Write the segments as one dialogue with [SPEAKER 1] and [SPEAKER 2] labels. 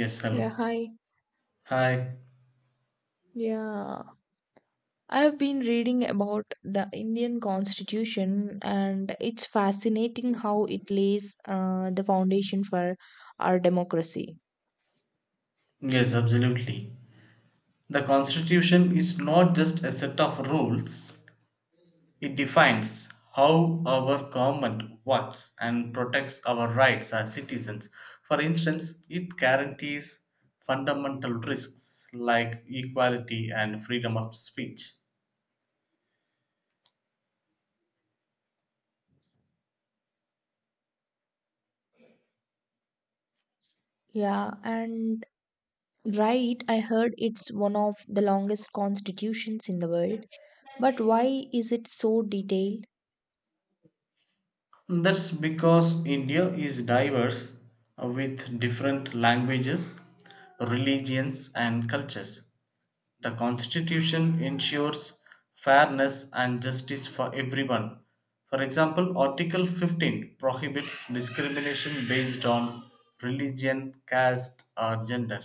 [SPEAKER 1] Yes,
[SPEAKER 2] Yeah,
[SPEAKER 1] hello.
[SPEAKER 2] hi.
[SPEAKER 1] Hi.
[SPEAKER 2] Yeah, I've been reading about the Indian Constitution, and it's fascinating how it lays the foundation for our democracy.
[SPEAKER 1] Yes, absolutely. The Constitution is not just a set of rules, it defines how our government works and protects our rights as citizens. For instance, it guarantees fundamental risks like equality and freedom of speech.
[SPEAKER 2] Yeah, and Right, I heard it's one of the longest constitutions in the world. But why is it so detailed?
[SPEAKER 1] That's because India is diverse with different languages, religions, and cultures. The constitution ensures fairness and justice for everyone. For example, Article 15 prohibits discrimination based on religion, caste, or gender.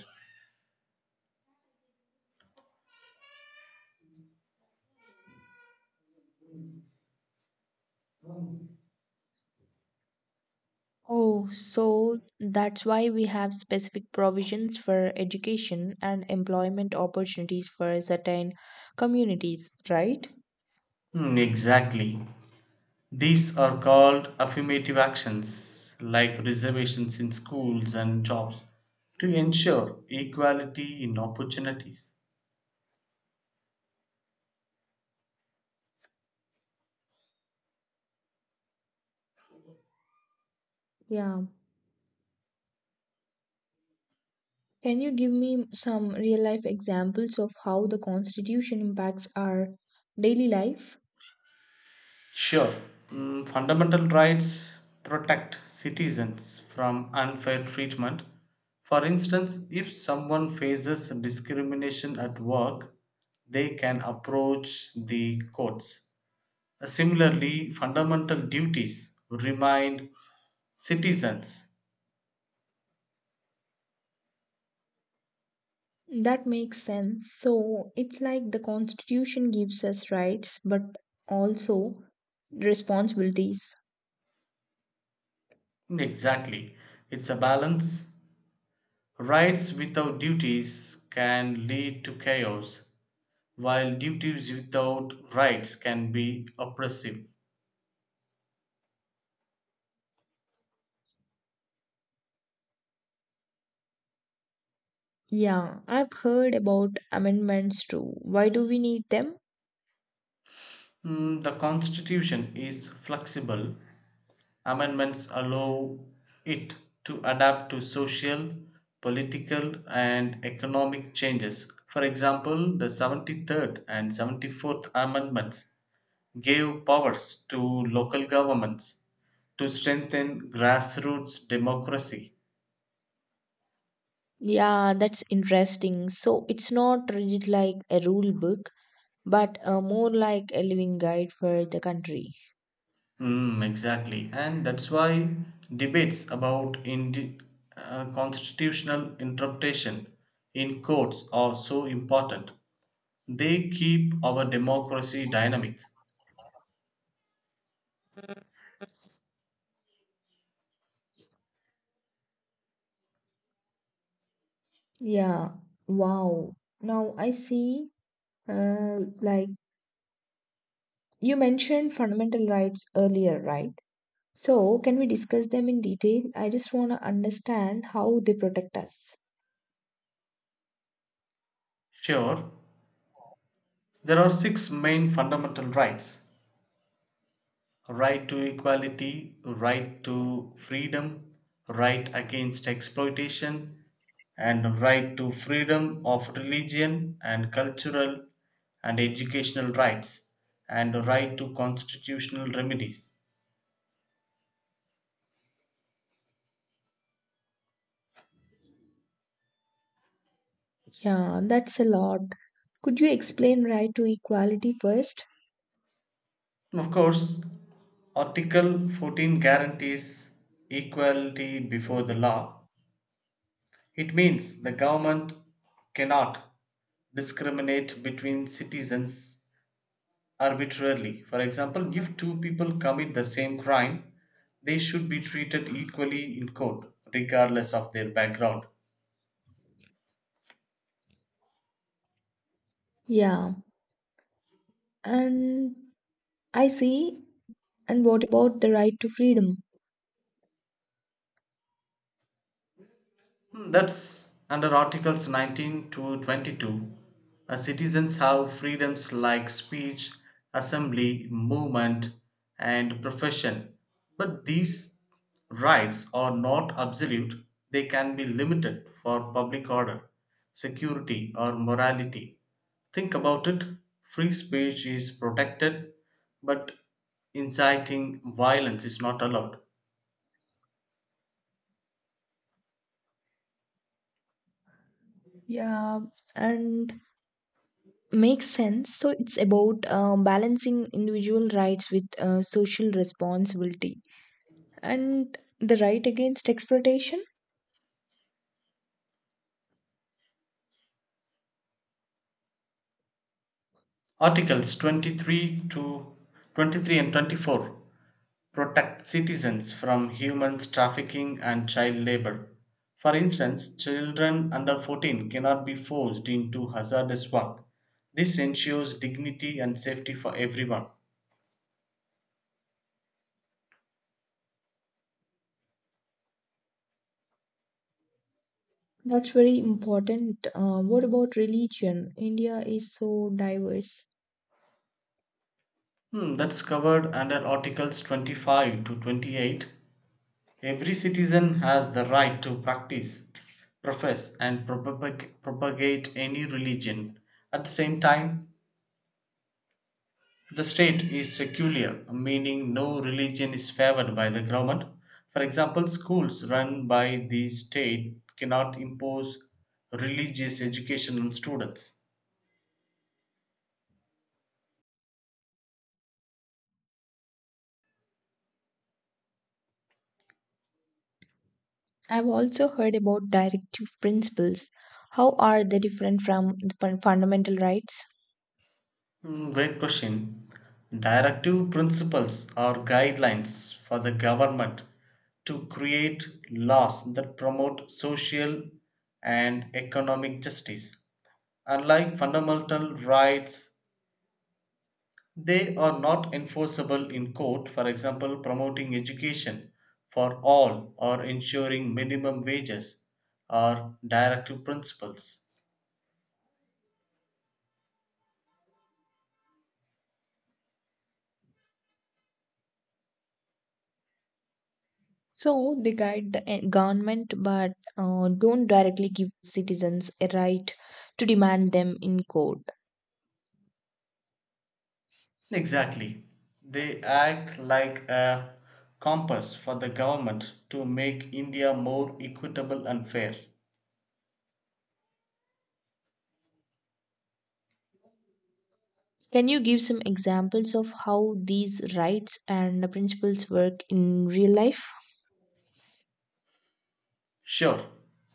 [SPEAKER 2] Oh, so that's why we have specific provisions for education and employment opportunities for certain communities, right?
[SPEAKER 1] Exactly. These are called affirmative actions like reservations in schools and jobs to ensure equality in opportunities.
[SPEAKER 2] Yeah, can you give me some real life examples of how the Constitution impacts our daily life?
[SPEAKER 1] Sure. Fundamental rights protect citizens from unfair treatment. For instance, if someone faces discrimination at work, they can approach the courts. Similarly, fundamental duties remind citizens.
[SPEAKER 2] That makes sense. So it's like the Constitution gives us rights but also responsibilities.
[SPEAKER 1] Exactly, it's a balance. Rights without duties can lead to chaos, while duties without rights can be oppressive.
[SPEAKER 2] Yeah, I've heard about amendments too. Why do we need them?
[SPEAKER 1] The constitution is flexible. Amendments allow it to adapt to social, political, and economic changes. For example, the 73rd and 74th Amendments gave powers to local governments to strengthen grassroots democracy.
[SPEAKER 2] Yeah, that's interesting. So it's not rigid like a rule book, but more like a living guide for the country.
[SPEAKER 1] Exactly. And that's why debates about constitutional interpretation in courts are so important. They keep our democracy dynamic.
[SPEAKER 2] Yeah, wow. Now I see. Like you mentioned fundamental rights earlier, right? So, can we discuss them in detail? I just want to understand how they protect us.
[SPEAKER 1] Sure, there are six main fundamental rights: right to equality, right to freedom, right against exploitation, and right to freedom of religion, and cultural and educational rights, and right to constitutional remedies.
[SPEAKER 2] Yeah, that's a lot. Could you explain right to equality first?
[SPEAKER 1] Of course. Article 14 guarantees equality before the
[SPEAKER 2] Mm.
[SPEAKER 1] law. It means the government cannot discriminate between citizens arbitrarily. For example, if two people commit the same crime, they should be treated equally in court, regardless of their background.
[SPEAKER 2] Yeah, and I see. And what about the right to freedom?
[SPEAKER 1] That's under Articles 19 to 22. Citizens have freedoms like speech, assembly, movement, and profession. But these rights are not absolute, they can be limited for public order, security, or morality. Think about it: free speech is protected, but inciting violence is not allowed.
[SPEAKER 2] Yeah, and makes sense. So it's about balancing individual rights with social responsibility and the right against exploitation.
[SPEAKER 1] Articles 23 and 24 protect citizens from human trafficking and child labor. For instance, children under 14 cannot be forced into hazardous work. This ensures dignity and safety for everyone.
[SPEAKER 2] That's very important. What about religion? India is so diverse.
[SPEAKER 1] That's covered under Articles 25 to 28. Every citizen has the right to practice, profess, and propagate any religion. At the same time, the state is secular, meaning no religion is favored by the government. For example, schools run by the state cannot impose religious education on students.
[SPEAKER 2] I've also heard about directive principles. How are they different from the fundamental rights?
[SPEAKER 1] Great question. Directive principles are guidelines for the government to create laws that promote social and economic justice. Unlike fundamental rights, they are not enforceable in court. For example, promoting education for all or ensuring minimum wages are directive principles.
[SPEAKER 2] So they guide the government but don't directly give citizens a right to demand them in court.
[SPEAKER 1] Exactly, they act like a compass for the government to make India more equitable and fair.
[SPEAKER 2] Can you give some examples of how these rights and principles work in real life?
[SPEAKER 1] Sure,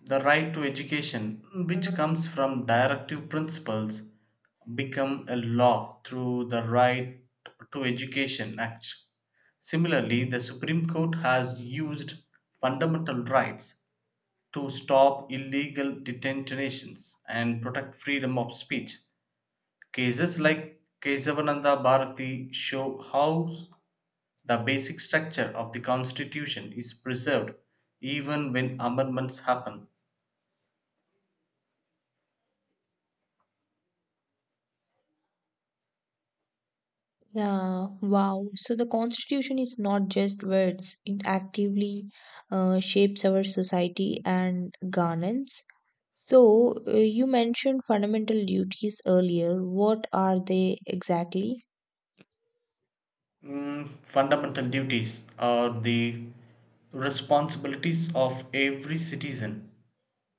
[SPEAKER 1] the right to education, which comes from directive principles, become a law through the Right to Education Act. Similarly, the Supreme Court has used fundamental rights to stop illegal detentions and protect freedom of speech. Cases like Kesavananda Bharati show how the basic structure of the Constitution is preserved even when amendments happen.
[SPEAKER 2] Yeah, wow. So the constitution is not just words, it actively shapes our society and governance. So you mentioned fundamental duties earlier. What are they exactly?
[SPEAKER 1] Fundamental duties are the responsibilities of every citizen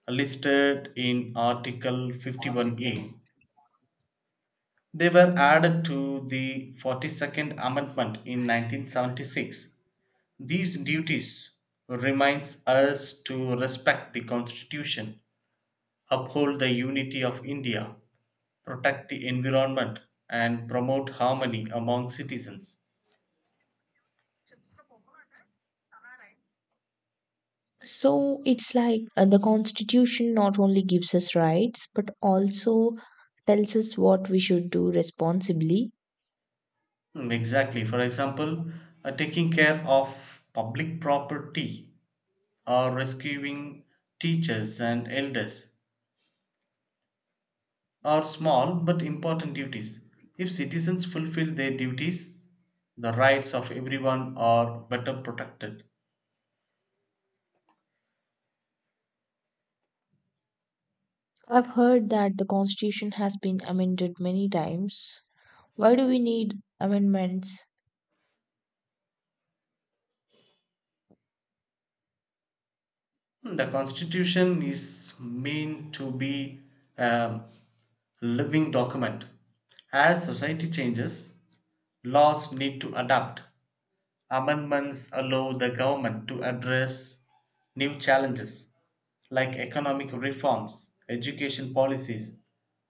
[SPEAKER 1] listed in Article 51A. They were added to the 42nd Amendment in 1976. These duties reminds us to respect the Constitution, uphold the unity of India, protect the environment, and promote harmony among citizens.
[SPEAKER 2] So it's like the constitution not only gives us rights but also tells us what we should do responsibly.
[SPEAKER 1] Exactly. For example, taking care of public property or rescuing teachers and elders are small but important duties. If citizens fulfill their duties, the rights of everyone are better protected.
[SPEAKER 2] I've heard that the Constitution has been amended many times. Why do we need amendments?
[SPEAKER 1] The Constitution is meant to be a living document. As society changes, laws need to adapt. Amendments allow the government to address new challenges like economic reforms, education policies,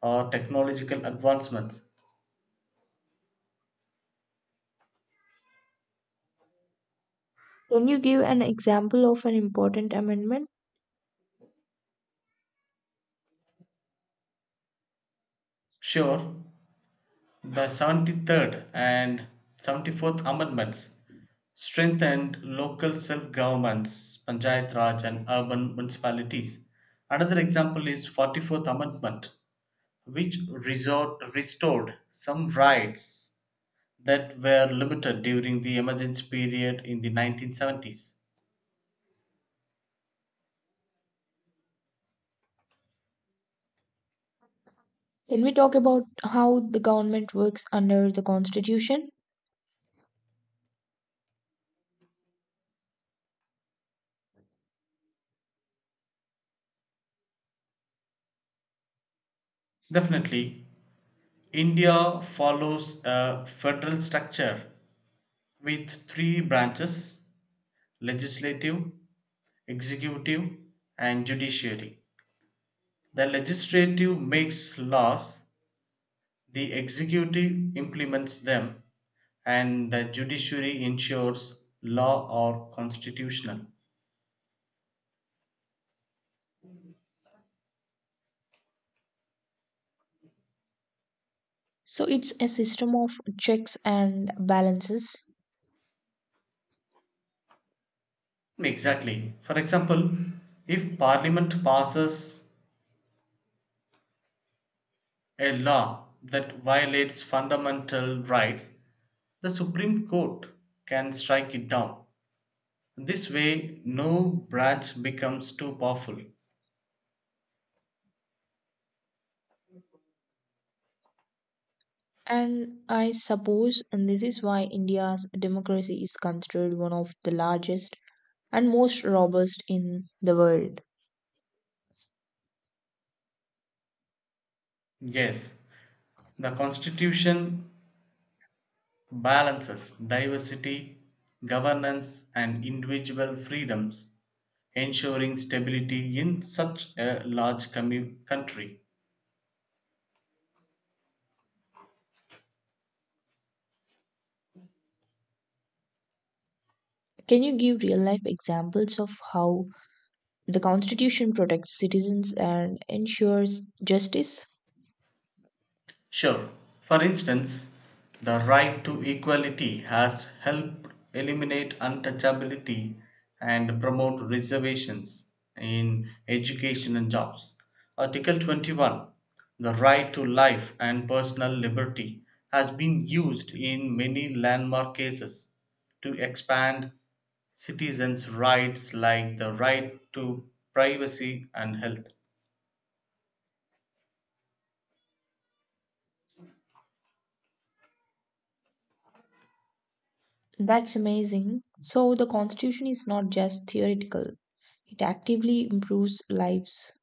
[SPEAKER 1] or technological advancements.
[SPEAKER 2] Can you give an example of an important amendment?
[SPEAKER 1] Sure, the 73rd and 74th Amendments strengthened local self governments, Panchayat Raj, and urban municipalities. Another example is 44th Amendment, which restored some rights that were limited during the emergency period in the 1970s.
[SPEAKER 2] Can we talk about how the government works under the Constitution?
[SPEAKER 1] Definitely, India follows a federal structure with three branches: legislative, executive, and judiciary. The legislative makes laws, the executive implements them, and the judiciary ensures law or constitutional.
[SPEAKER 2] So it's a system of checks and balances.
[SPEAKER 1] Exactly. For example, if parliament passes a law that violates fundamental rights, the Supreme Court can strike it down. This way, no branch becomes too powerful.
[SPEAKER 2] And I suppose and this is why India's democracy is considered one of the largest and most robust in the world.
[SPEAKER 1] Yes, the Constitution balances diversity, governance, and individual freedoms, ensuring stability in such a large country.
[SPEAKER 2] Can you give real life examples of how the Constitution protects citizens and ensures justice?
[SPEAKER 1] Sure. For instance, the right to equality has helped eliminate untouchability and promote reservations in education and jobs. Article 21, the right to life and personal liberty, has been used in many landmark cases to expand citizens' rights like the right to privacy and health.
[SPEAKER 2] That's amazing. So, the Constitution is not just theoretical, it actively improves lives.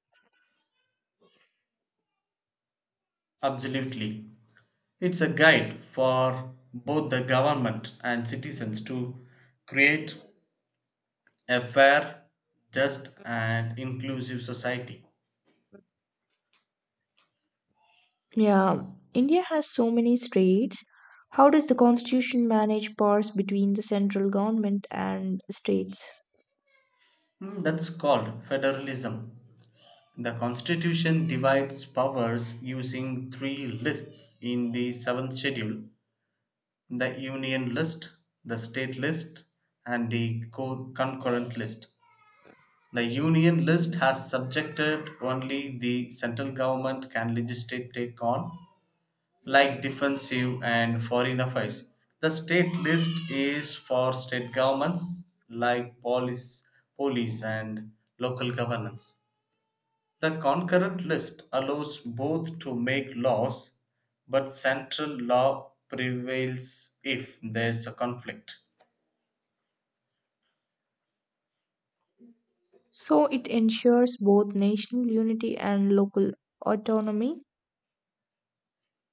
[SPEAKER 1] Absolutely. It's a guide for both the government and citizens to create a fair, just, and inclusive society.
[SPEAKER 2] Yeah, India has so many states. How does the Constitution manage powers between the central government and states?
[SPEAKER 1] That's called federalism. The constitution divides powers using three lists in the seventh schedule: the union list, the state list, and the concurrent list. The union list has subjected only the central government can legislate take on, like defensive and foreign affairs. The state list is for state governments like police and local governance. The concurrent list allows both to make laws, but central law prevails if there's a conflict.
[SPEAKER 2] So it ensures both national unity and local autonomy.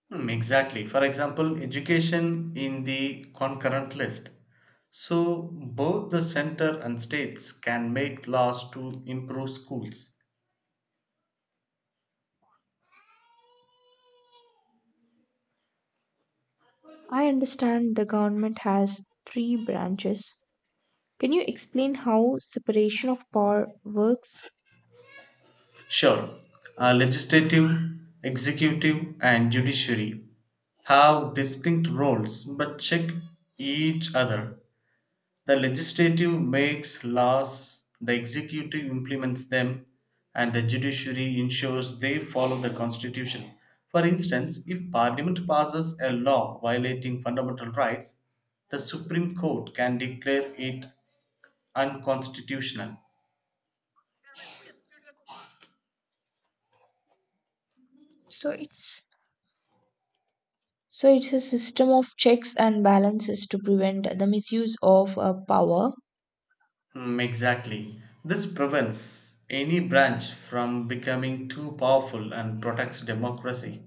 [SPEAKER 1] Exactly. For example, education in the concurrent list. So both the center and states can make laws to improve schools.
[SPEAKER 2] I understand the government has three branches. Can you explain how separation of power works?
[SPEAKER 1] Sure. Legislative, executive, and judiciary have distinct roles but check each other. The legislative makes laws, the executive implements them, and the judiciary ensures they follow the constitution. For instance, if parliament passes a law violating fundamental rights, the Supreme Court can declare it unconstitutional.
[SPEAKER 2] So it's so it's a system of checks and balances to prevent the misuse of power.
[SPEAKER 1] Exactly. This prevents any branch from becoming too powerful and protects democracy.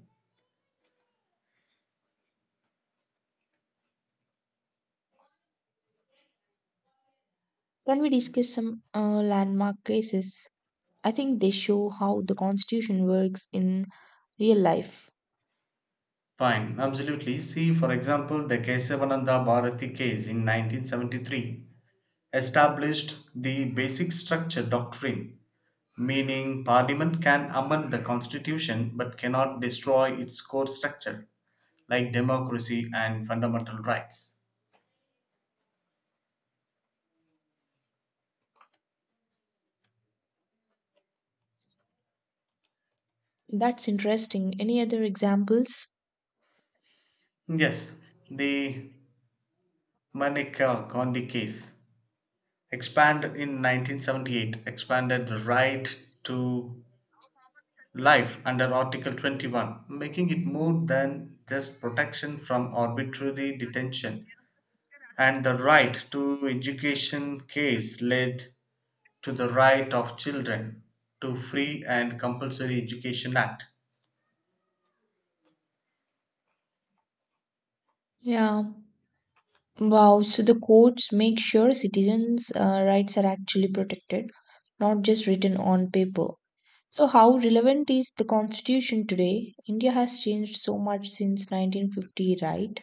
[SPEAKER 2] Can we discuss some landmark cases? I think they show how the constitution works in real life.
[SPEAKER 1] Fine, absolutely. See, for example, the Kesavananda Bharati case in 1973 established the basic structure doctrine, meaning parliament can amend the constitution but cannot destroy its core structure, like democracy and fundamental rights.
[SPEAKER 2] That's interesting. Any other examples?
[SPEAKER 1] Yes, the Manikar Gandhi case expand in 1978 expanded the right to life under article 21, making it more than just protection from arbitrary detention, and the right to education case led to the right of children to free and compulsory education act.
[SPEAKER 2] Yeah. Wow, so the courts make sure citizens' rights are actually protected, not just written on paper. So, how relevant is the constitution today? India has changed so much since 1950, right?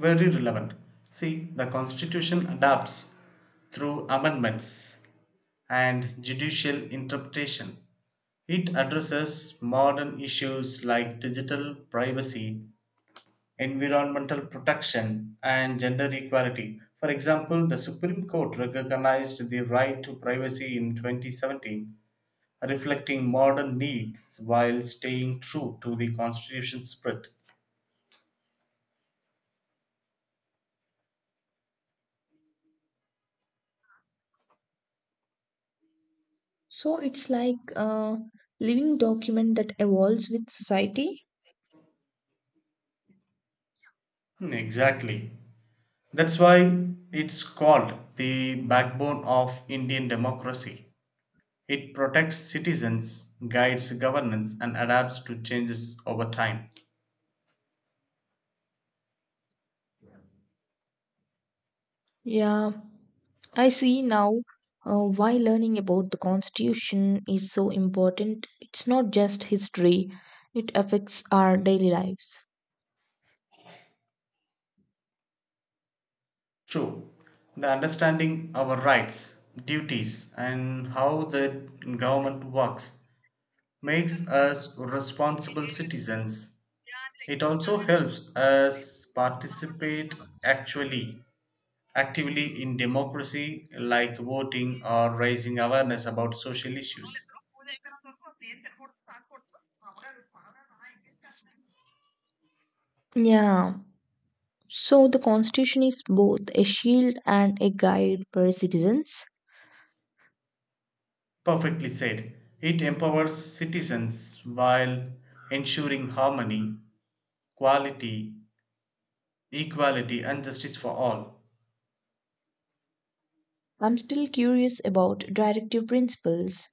[SPEAKER 1] Very relevant. See, the constitution adapts through amendments and judicial interpretation. It addresses modern issues like digital privacy, environmental protection, and gender equality. For example, the Supreme Court recognized the right to privacy in 2017, reflecting modern needs while staying true to the Constitution spirit.
[SPEAKER 2] So, it's like a living document that evolves with society.
[SPEAKER 1] Exactly. That's why it's called the backbone of Indian democracy. It protects citizens, guides governance, and adapts to changes over time.
[SPEAKER 2] Yeah, I see now why learning about the constitution is so important. It's not just history, it affects our daily lives.
[SPEAKER 1] True. The understanding our rights, duties, and how the government works makes us responsible citizens. It also helps us participate actually actively in democracy like voting or raising awareness about social issues.
[SPEAKER 2] Yeah. So the Constitution is both a shield and a guide for citizens.
[SPEAKER 1] Perfectly said. It empowers citizens while ensuring harmony, quality, equality and justice for all.
[SPEAKER 2] I'm still curious about directive principles.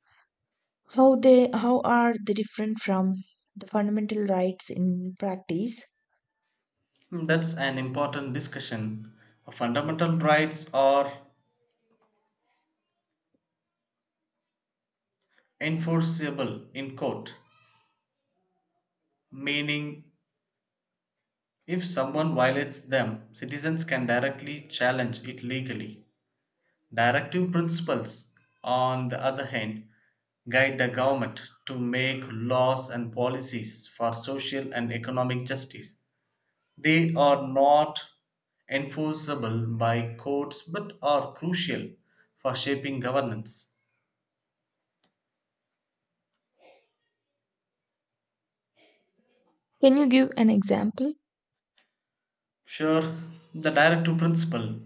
[SPEAKER 2] How are they different from the fundamental rights in practice?
[SPEAKER 1] That's an important discussion. Fundamental rights are enforceable in court, meaning, if someone violates them, citizens can directly challenge it legally. Directive principles, on the other hand, guide the government to make laws and policies for social and economic justice. They are not enforceable by courts but are crucial for shaping governance.
[SPEAKER 2] Can you give an example?
[SPEAKER 1] Sure, the directive principle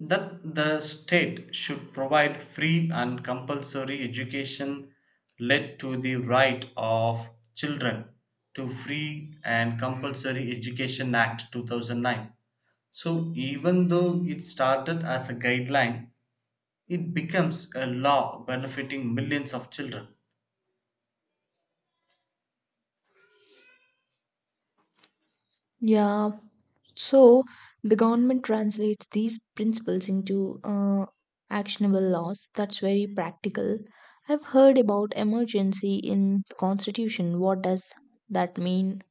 [SPEAKER 1] that the state should provide free and compulsory education led to the right of children to free and compulsory education act 2009. So even though it started as a guideline, it becomes a law benefiting millions of children.
[SPEAKER 2] Yeah. So the government translates these principles into actionable laws. That's very practical. I've heard about emergency in the Constitution. What does that mean?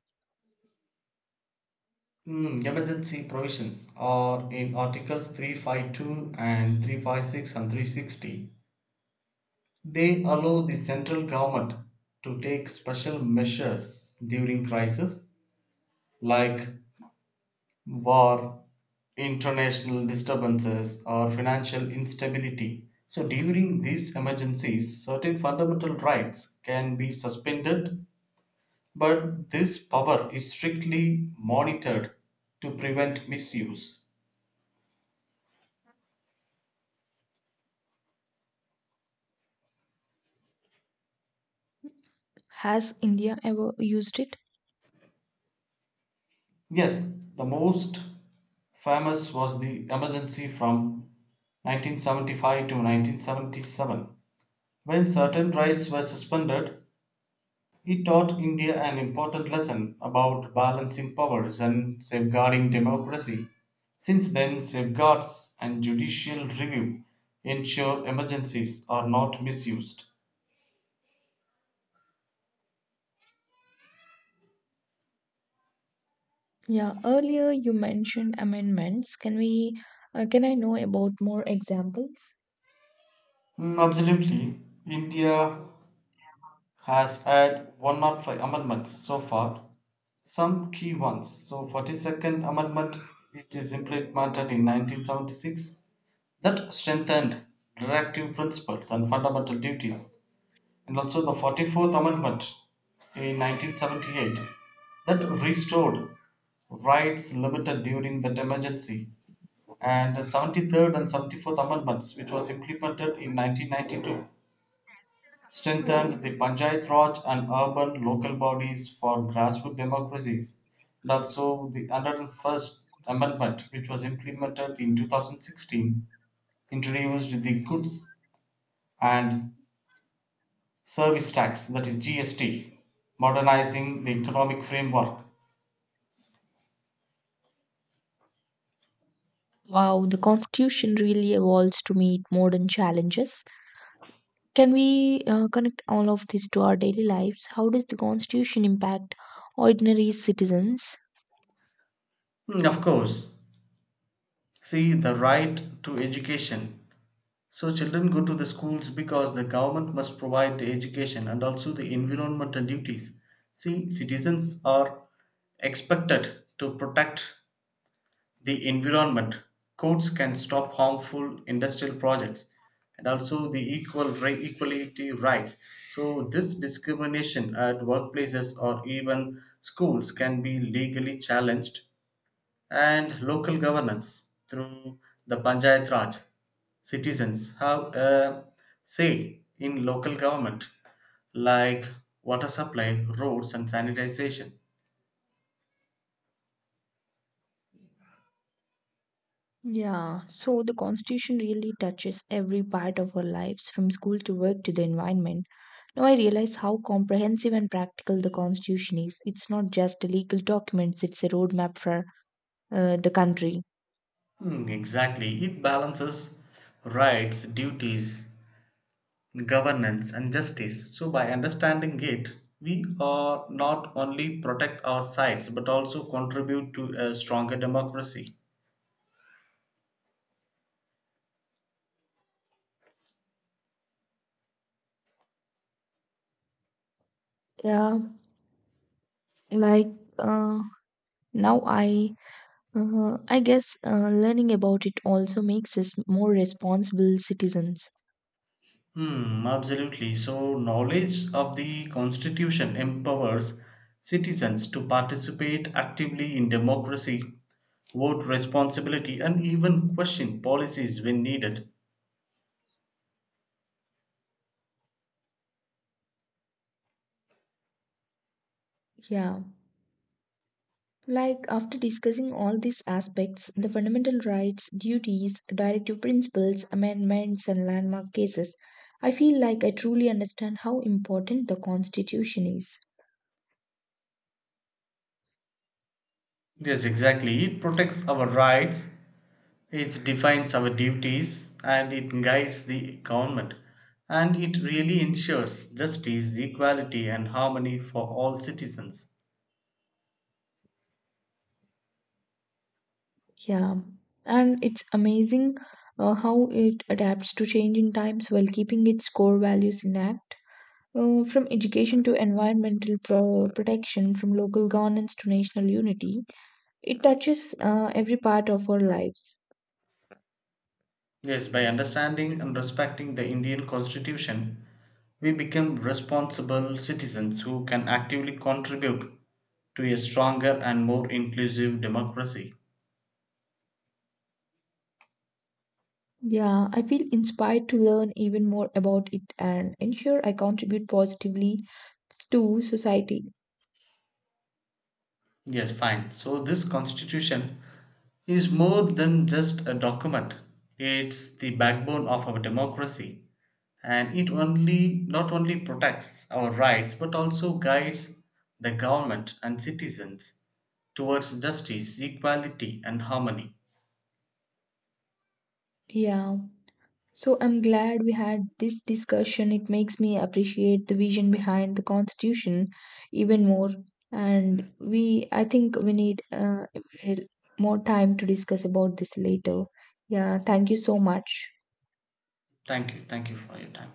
[SPEAKER 1] Emergency provisions are in articles 352 and 356 and 360. They allow the central government to take special measures during crises like war, international disturbances, or financial instability. So, during these emergencies, certain fundamental rights can be suspended, but this power is strictly monitored to prevent misuse.
[SPEAKER 2] Has India ever used it?
[SPEAKER 1] Yes, the most famous was the emergency from 1975 to 1977. When certain rights were suspended, he taught India an important lesson about balancing powers and safeguarding democracy. Since then, safeguards and judicial review ensure emergencies are not misused.
[SPEAKER 2] Yeah, earlier you mentioned amendments. Can I know about more examples?
[SPEAKER 1] Absolutely, India has had 105 amendments so far, some key ones. So, 42nd Amendment, it is implemented in 1976, that strengthened directive principles and fundamental duties, and also the 44th Amendment in 1978 that restored rights limited during that emergency, and the 73rd and 74th Amendments, which was implemented in 1992, strengthened the Panchayat Raj and urban local bodies for grassroots democracies, and also the 101st Amendment, which was implemented in 2016, introduced the Goods and service tax, that is GST, modernizing the economic framework.
[SPEAKER 2] Wow, the constitution really evolves to meet modern challenges. Can we connect all of this to our daily lives? How does the constitution impact ordinary citizens?
[SPEAKER 1] Of course. See, the right to education. So, children go to the schools because the government must provide the education, and also the environmental duties. See, citizens are expected to protect the environment. Courts can stop harmful industrial projects, and also the equality rights. So this discrimination at workplaces or even schools can be legally challenged, and local governance through the Panchayat Raj. Citizens have a say in local government like water supply, roads and sanitization.
[SPEAKER 2] Yeah, so the constitution really touches every part of our lives from school to work to the environment. Now I realize how comprehensive and practical the Constitution is. It's not just a legal document, it's a roadmap for the country.
[SPEAKER 1] Exactly. It balances rights, duties, governance and justice. So by understanding it, we are not only protect our sites but also contribute to a stronger democracy.
[SPEAKER 2] Yeah, like uh, now I guess learning about it also makes us more responsible citizens.
[SPEAKER 1] Absolutely, so knowledge of the constitution empowers citizens to participate actively in democracy, vote responsibility and even question policies when needed.
[SPEAKER 2] Yeah. Like after discussing all these aspects, the fundamental rights, duties, directive principles, amendments, and landmark cases, I feel like I truly understand how important the Constitution is.
[SPEAKER 1] Yes, exactly, it protects our rights. It defines our duties and it guides the government, and it really ensures justice, equality, and harmony for all citizens.
[SPEAKER 2] Yeah, and it's amazing how it adapts to changing times while keeping its core values intact. From education to environmental protection, from local governance to national unity, it touches every part of our lives.
[SPEAKER 1] Yes, by
[SPEAKER 2] Mm.
[SPEAKER 1] understanding and respecting the Indian Constitution, we become responsible citizens who can actively contribute to a stronger and more inclusive democracy.
[SPEAKER 2] Yeah, I feel inspired to learn even more about it and ensure I contribute positively to society.
[SPEAKER 1] Yes, fine. So this constitution is more than just a document. It's the backbone of our democracy and it only not only protects our rights but also guides the government and citizens towards justice, equality and harmony.
[SPEAKER 2] Yeah. So I'm glad we had this discussion. It makes me appreciate the vision behind the Constitution even more. And we, I think we need more time to discuss about this later. Yeah, thank you so much.
[SPEAKER 1] Thank you. Thank you for your time.